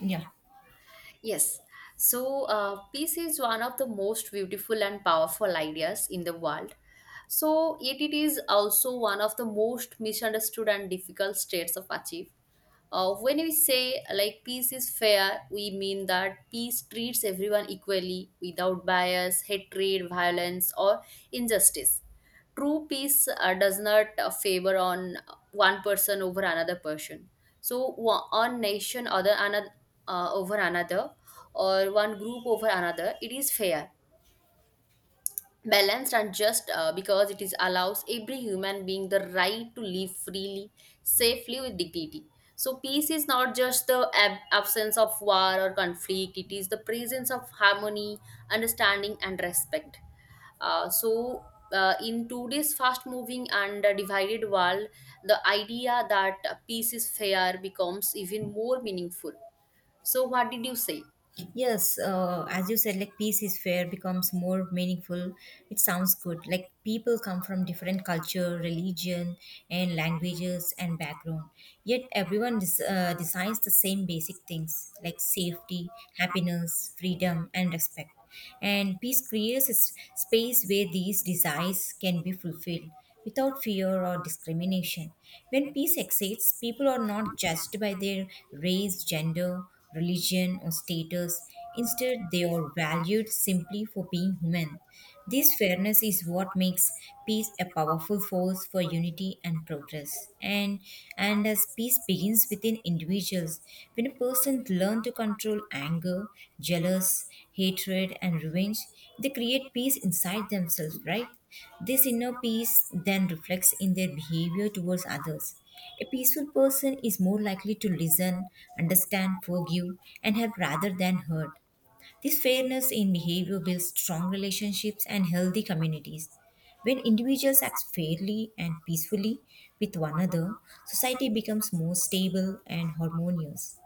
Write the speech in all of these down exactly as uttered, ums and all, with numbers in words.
Yeah. Yes. So, uh, peace is one of the most beautiful and powerful ideas in the world. So, yet it is also one of the most misunderstood and difficult states of achieve. Uh, when we say like peace is fair, we mean that peace treats everyone equally without bias, hatred, violence, or injustice. True peace uh, does not uh, favor on one person over another person so wa- one nation other another uh, over another, or one group over another. It is fair, balanced, and just uh, because it is allows every human being the right to live freely, safely with dignity. So peace is not just the ab- absence of war or conflict; it is the presence of harmony, understanding, and respect. Uh, so, uh, in today's fast moving and uh, divided world, the idea that uh, peace is fair becomes even more meaningful. So, what did you say? Yes, uh, as you said, like peace is fair becomes more meaningful. It sounds good. Like people come from different culture, religion, and languages and background. Yet everyone des- uh, designs the same basic things like safety, happiness, freedom, and respect. And peace creates a s- space where these desires can be fulfilled without fear or discrimination. When peace exists, people are not judged by their race, gender, religion, or status. Instead, they are valued simply for being human. This fairness is what makes peace a powerful force for unity and progress. And, and as peace begins within individuals, when a person learns to control anger, jealous, hatred, and revenge, they create peace inside themselves, right? This inner peace then reflects in their behavior towards others. A peaceful person is more likely to listen, understand, forgive, and help rather than hurt. This fairness in behavior builds strong relationships and healthy communities. When individuals act fairly and peacefully with one another, society becomes more stable and harmonious.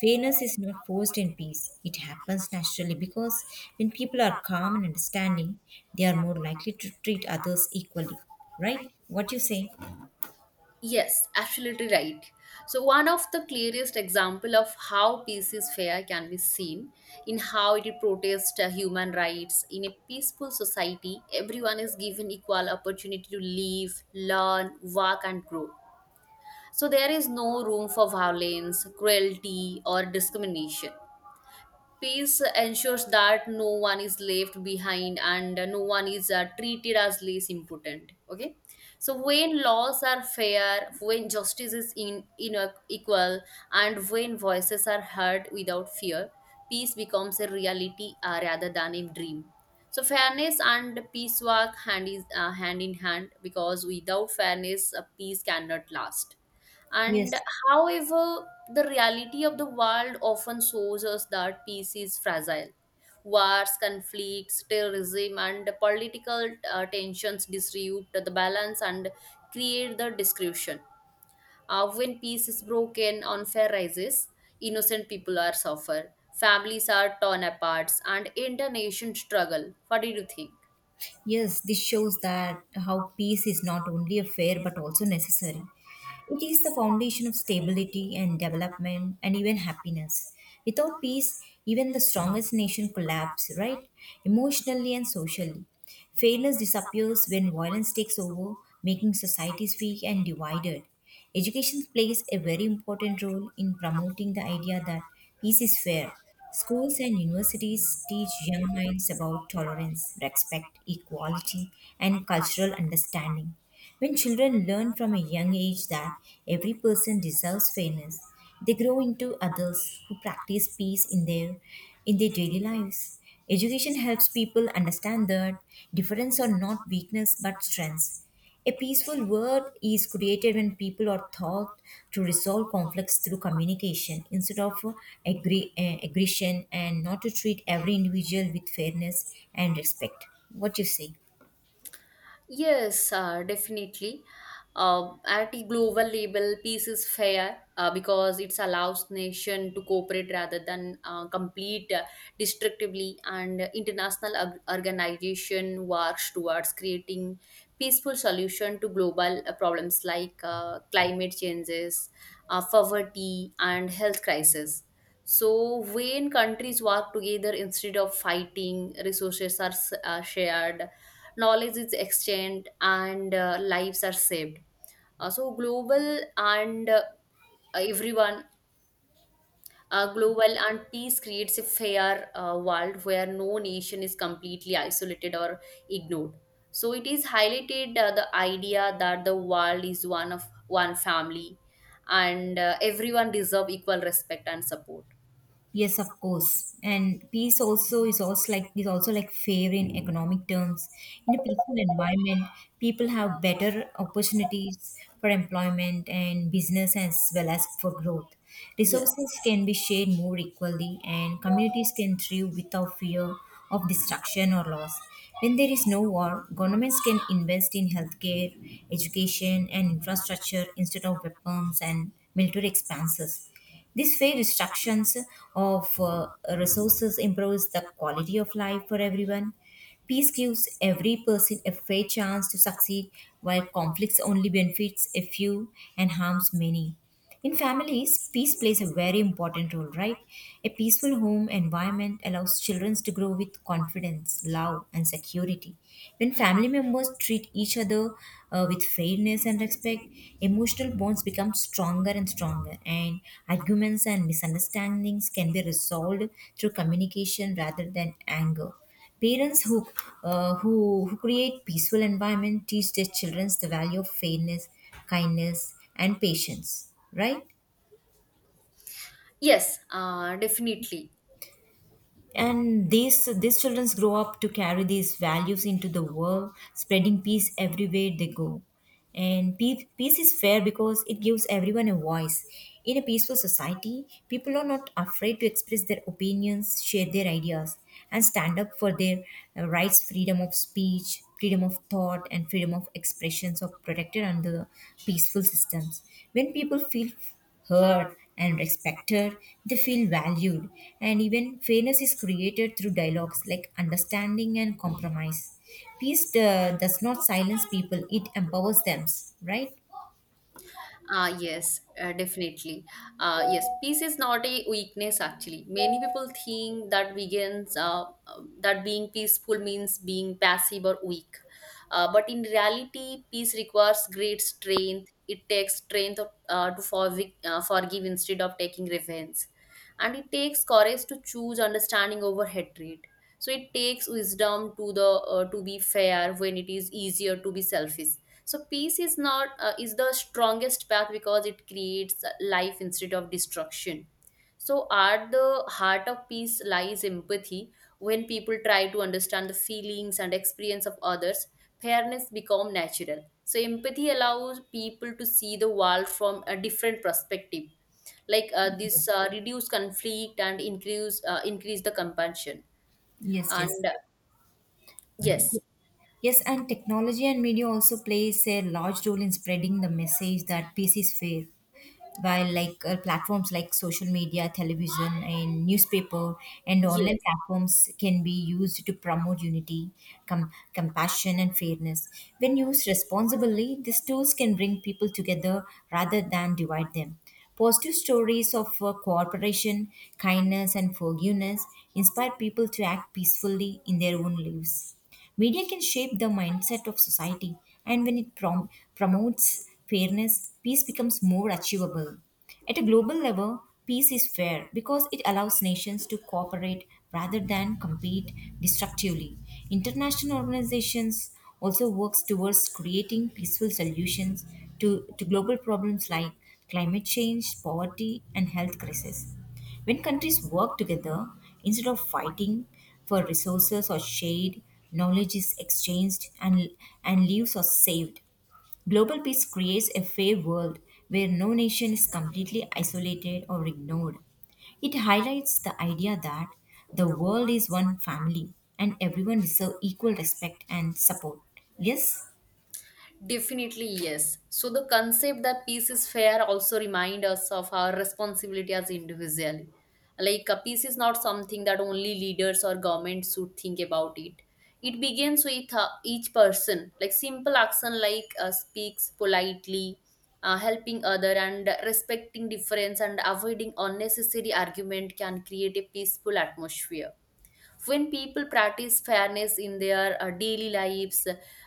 Fairness is not forced in peace, it happens naturally because when people are calm and understanding, they are more likely to treat others equally. Right? What you say? Yes, absolutely right. So, one of the clearest example of how peace is fair can be seen in how it protests uh, human rights. In a peaceful society, everyone is given equal opportunity to live, learn, work, and grow. So there is no room for violence, cruelty, or discrimination. Peace ensures that no one is left behind and no one is uh, treated as less important. Okay, so when laws are fair, when justice is in, in equal, and when voices are heard without fear, peace becomes a reality uh, rather than a dream. So fairness and peace work hand is uh, hand in hand because without fairness, uh, peace cannot last. And Yes. however, the reality of the world often shows us that peace is fragile. Wars, conflicts, terrorism, and political uh, tensions disrupt the balance and create the destruction. Uh, when peace is broken, unfair rises, innocent people are suffer, families are torn apart, and entire nations struggle. What do you think? Yes, this shows that how peace is not only a fair but also necessary. It is the foundation of stability and development and even happiness. Without peace, even the strongest nation collapse, right? Emotionally and socially. Fairness disappears when violence takes over, making societies weak and divided. Education plays a very important role in promoting the idea that peace is fair. Schools and universities teach young minds about tolerance, respect, equality, and cultural understanding. When children learn from a young age that every person deserves fairness, they grow into adults who practice peace in their in their daily lives. Education helps people understand that difference are not weakness but strengths. A peaceful world is created when people are taught to resolve conflicts through communication instead of agree, uh, aggression and not to treat every individual with fairness and respect. What you say? Yes, uh, definitely. Uh, at a global level, peace is fair uh, because it allows nation to cooperate rather than uh, complete uh, destructively, and international org- organization works towards creating peaceful solution to global uh, problems like uh, climate changes, uh, poverty, and health crisis. So, when countries work together instead of fighting, resources are s- uh, shared, knowledge is exchanged, and uh, lives are saved. Uh, so global and uh, everyone uh, Global and peace creates a fair uh, world where no nation is completely isolated or ignored. So it is highlighted uh, the idea that the world is one of one family, and uh, everyone deserve equal respect and support. Yes, of course. And peace also is also like is also like fair in economic terms. In a peaceful environment, people have better opportunities for employment and business as well as for growth. Yes. Resources can be shared more equally and communities can thrive without fear of destruction or loss. When there is no war, governments can invest in healthcare, education and infrastructure instead of weapons and military expenses. This fair distributions of uh, resources improves the quality of life for everyone. Peace gives every person a fair chance to succeed, while conflicts only benefits a few and harms many. In families, peace plays a very important role, right? A peaceful home environment allows children to grow with confidence, love, and security equality. When family members treat each other uh, with fairness and respect, emotional bonds become stronger and stronger, and arguments and misunderstandings can be resolved through communication rather than anger. Parents who, uh, who, who create peaceful environment teach their children the value of fairness, kindness, and patience, right? Yes uh, definitely And these these children grow up to carry these values into the world spreading peace everywhere they go. And peace, peace is fair because it gives everyone a voice. In a peaceful society, people are not afraid to express their opinions, share their ideas, and stand up for their uh, rights. Freedom of speech, freedom of thought, and freedom of expressions are protected under peaceful systems. When people feel heard and respected, they feel valued. And even fairness is created through dialogues like understanding and compromise. Peace uh, does not silence people, it empowers them, right? Ah, yes, uh, definitely. Uh, yes, peace is not a weakness actually. Many people think that vegans, uh, uh, that being peaceful means being passive or weak. Uh, but in reality, peace requires great strength. It takes strength of, uh, to forgive, uh, forgive instead of taking revenge. And it takes courage to choose understanding over hatred. So it takes wisdom to the uh, to be fair when it is easier to be selfish. So peace is not uh, is the strongest path because it creates life instead of destruction. So at the heart of peace lies empathy. When people try to understand the feelings and experience of others, fairness become natural. So empathy allows people to see the world from a different perspective. like uh, Yeah. this uh, reduce conflict and increase uh, increase the compassion. Yes, yes. And uh, Yes. Yes, and technology and media also plays a large role in spreading the message that peace is fair. While, like, uh, platforms like social media, television, and newspaper, and online Yes. platforms can be used to promote unity, com- compassion, and fairness. When used responsibly, these tools can bring people together rather than divide them. Positive stories of uh, cooperation, kindness, and forgiveness inspire people to act peacefully in their own lives. Media can shape the mindset of society, and when it prom- promotes fairness, peace becomes more achievable. At a global level, peace is fair because it allows nations to cooperate rather than compete destructively. International organizations also works towards creating peaceful solutions to, to global problems like climate change, poverty, and health crisis. When countries work together, instead of fighting for resources or shade, knowledge is exchanged, and, and lives are saved. Global peace creates a fair world where no nation is completely isolated or ignored. It highlights the idea that the world is one family and everyone deserves equal respect and support. Yes? Definitely, yes. So the concept that peace is fair also remind us of our responsibility as individually. Like a peace is not something that only leaders or governments should think about it. It begins with uh, each person. Like simple action like uh, speaks politely, uh, helping other and respecting difference and avoiding unnecessary argument can create a peaceful atmosphere when people practice fairness in their uh, daily lives,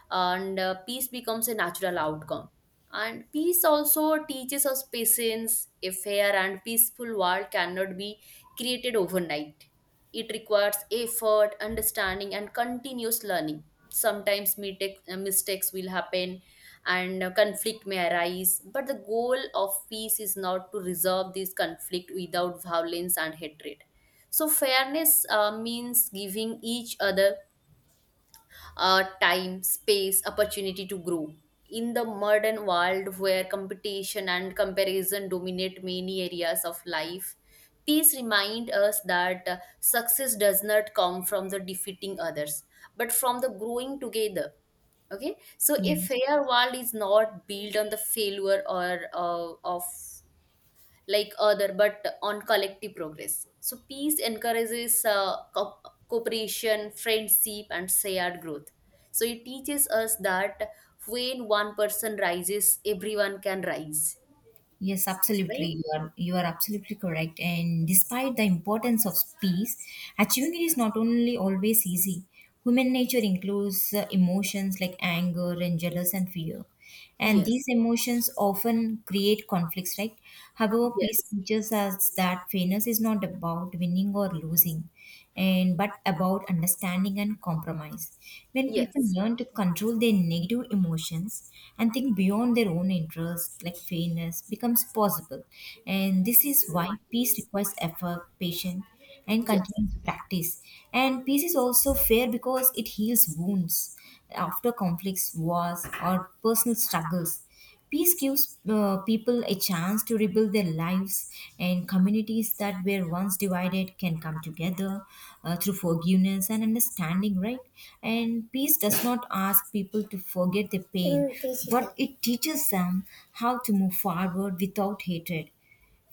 and uh, peace becomes a natural outcome. And peace also teaches us patience. A fair and peaceful world cannot be created overnight. It requires effort, understanding, and continuous learning. Sometimes mistake- uh, mistakes will happen, and uh, conflict may arise, but the goal of peace is not to resolve this conflict without violence and hatred. So, fairness uh, means giving each other uh, time, space, opportunity to grow. In the modern world where competition and comparison dominate many areas of life, peace reminds us that uh, success does not come from the defeating others, but from the growing together. Okay, so a Yes. fair world is not built on the failure or uh, of like other but on collective progress. So peace encourages uh, co- cooperation, friendship, and shared growth. So it teaches us that when one person rises, everyone can rise. Yes, absolutely. Right. You are you are absolutely correct. And despite the importance of peace, achieving it is not only always easy. Human nature includes uh, emotions like anger and jealous and fear, and these Yes. emotions often create conflicts. Right. However, peace Yes. teaches us that fairness is not about winning or losing, and but about understanding and compromise. When people Yes. learn to control their negative emotions and think beyond their own interests, like fairness becomes possible, and this is why peace requires effort, patience, and Yes. continuous practice. And peace is also fair because it heals wounds after conflicts, wars, or personal struggles. Peace gives uh, people a chance to rebuild their lives, and communities that were once divided can come together uh, through forgiveness and understanding, right? And peace does not ask people to forget their pain, but it teaches them how to move forward without hatred.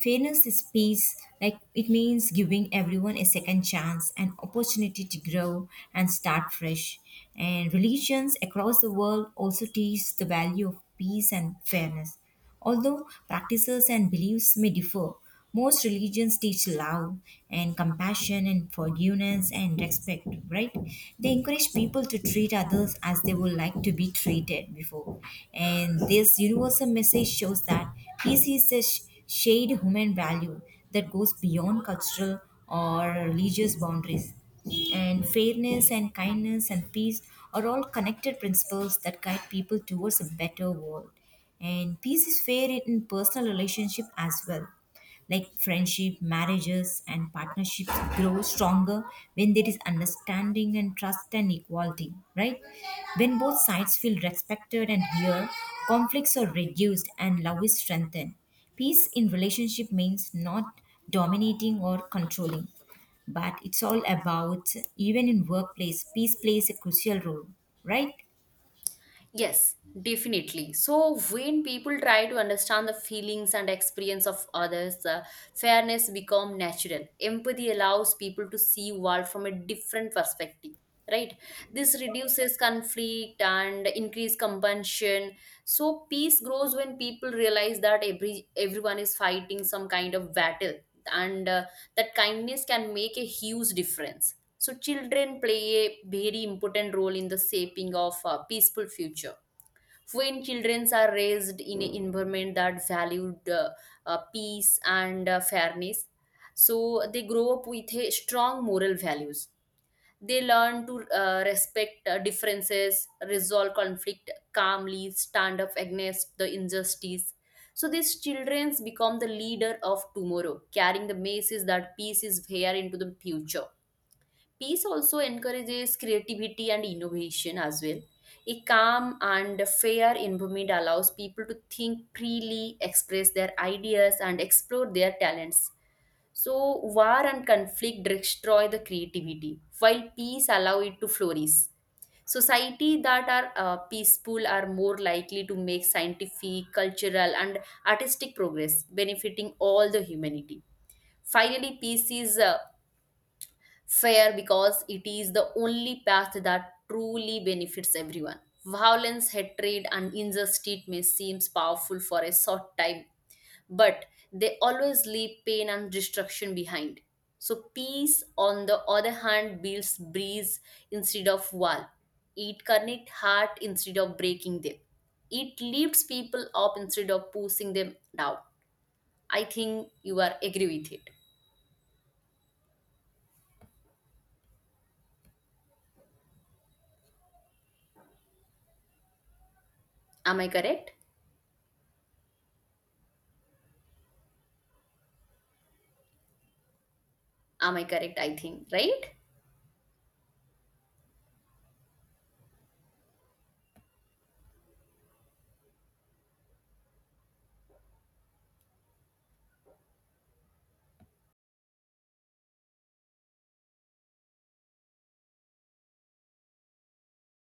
Fairness is peace, like it means giving everyone a second chance, an opportunity to grow and start fresh. And religions across the world also teach the value of peace and fairness. Although practices and beliefs may differ, most religions teach love and compassion and forgiveness and respect, right? They encourage people to treat others as they would like to be treated before. And this universal message shows that peace is a sh- shared human value that goes beyond cultural or religious boundaries. And fairness and kindness and peace are all connected principles that guide people towards a better world. And peace is fair in personal relationship as well, like friendship, marriages, and partnerships grow stronger when there is understanding and trust and equality, right? When both sides feel respected and heard, conflicts are reduced and love is strengthened. Peace in relationship means not dominating or controlling, but it's all about even in workplace peace plays a crucial role, right? Yes, definitely. So, when people try to understand the feelings and experience of others, uh, fairness become natural. Empathy allows people to see world from a different perspective, right? This reduces conflict and increase compassion. So, peace grows when people realize that every everyone is fighting some kind of battle, and uh, that kindness can make a huge difference. So children play a very important role in the shaping of a peaceful future. When children are raised in an environment that valued uh, uh, peace and uh, fairness, so they grow up with a strong moral values. They learn to uh, respect uh, differences, resolve conflict calmly, stand up against the injustice. So these children become the leader of tomorrow, carrying the message that peace is here into the future. Peace also encourages creativity and innovation as well. A calm and fair environment allows people to think freely, express their ideas, and explore their talents. So, war and conflict destroy the creativity, while peace allow it to flourish. Society that are uh, peaceful are more likely to make scientific, cultural, and artistic progress, benefiting all the humanity. Finally, peace is uh, fair because it is the only path that truly benefits everyone. Violence, hatred, and injustice may seem powerful for a short time, but they always leave pain and destruction behind. So, peace, on the other hand, builds breeze instead of wall. It connects heart instead of breaking them. It lifts people up instead of pushing them down. I think you are agree with it. Am I correct? Am I correct? I think, right?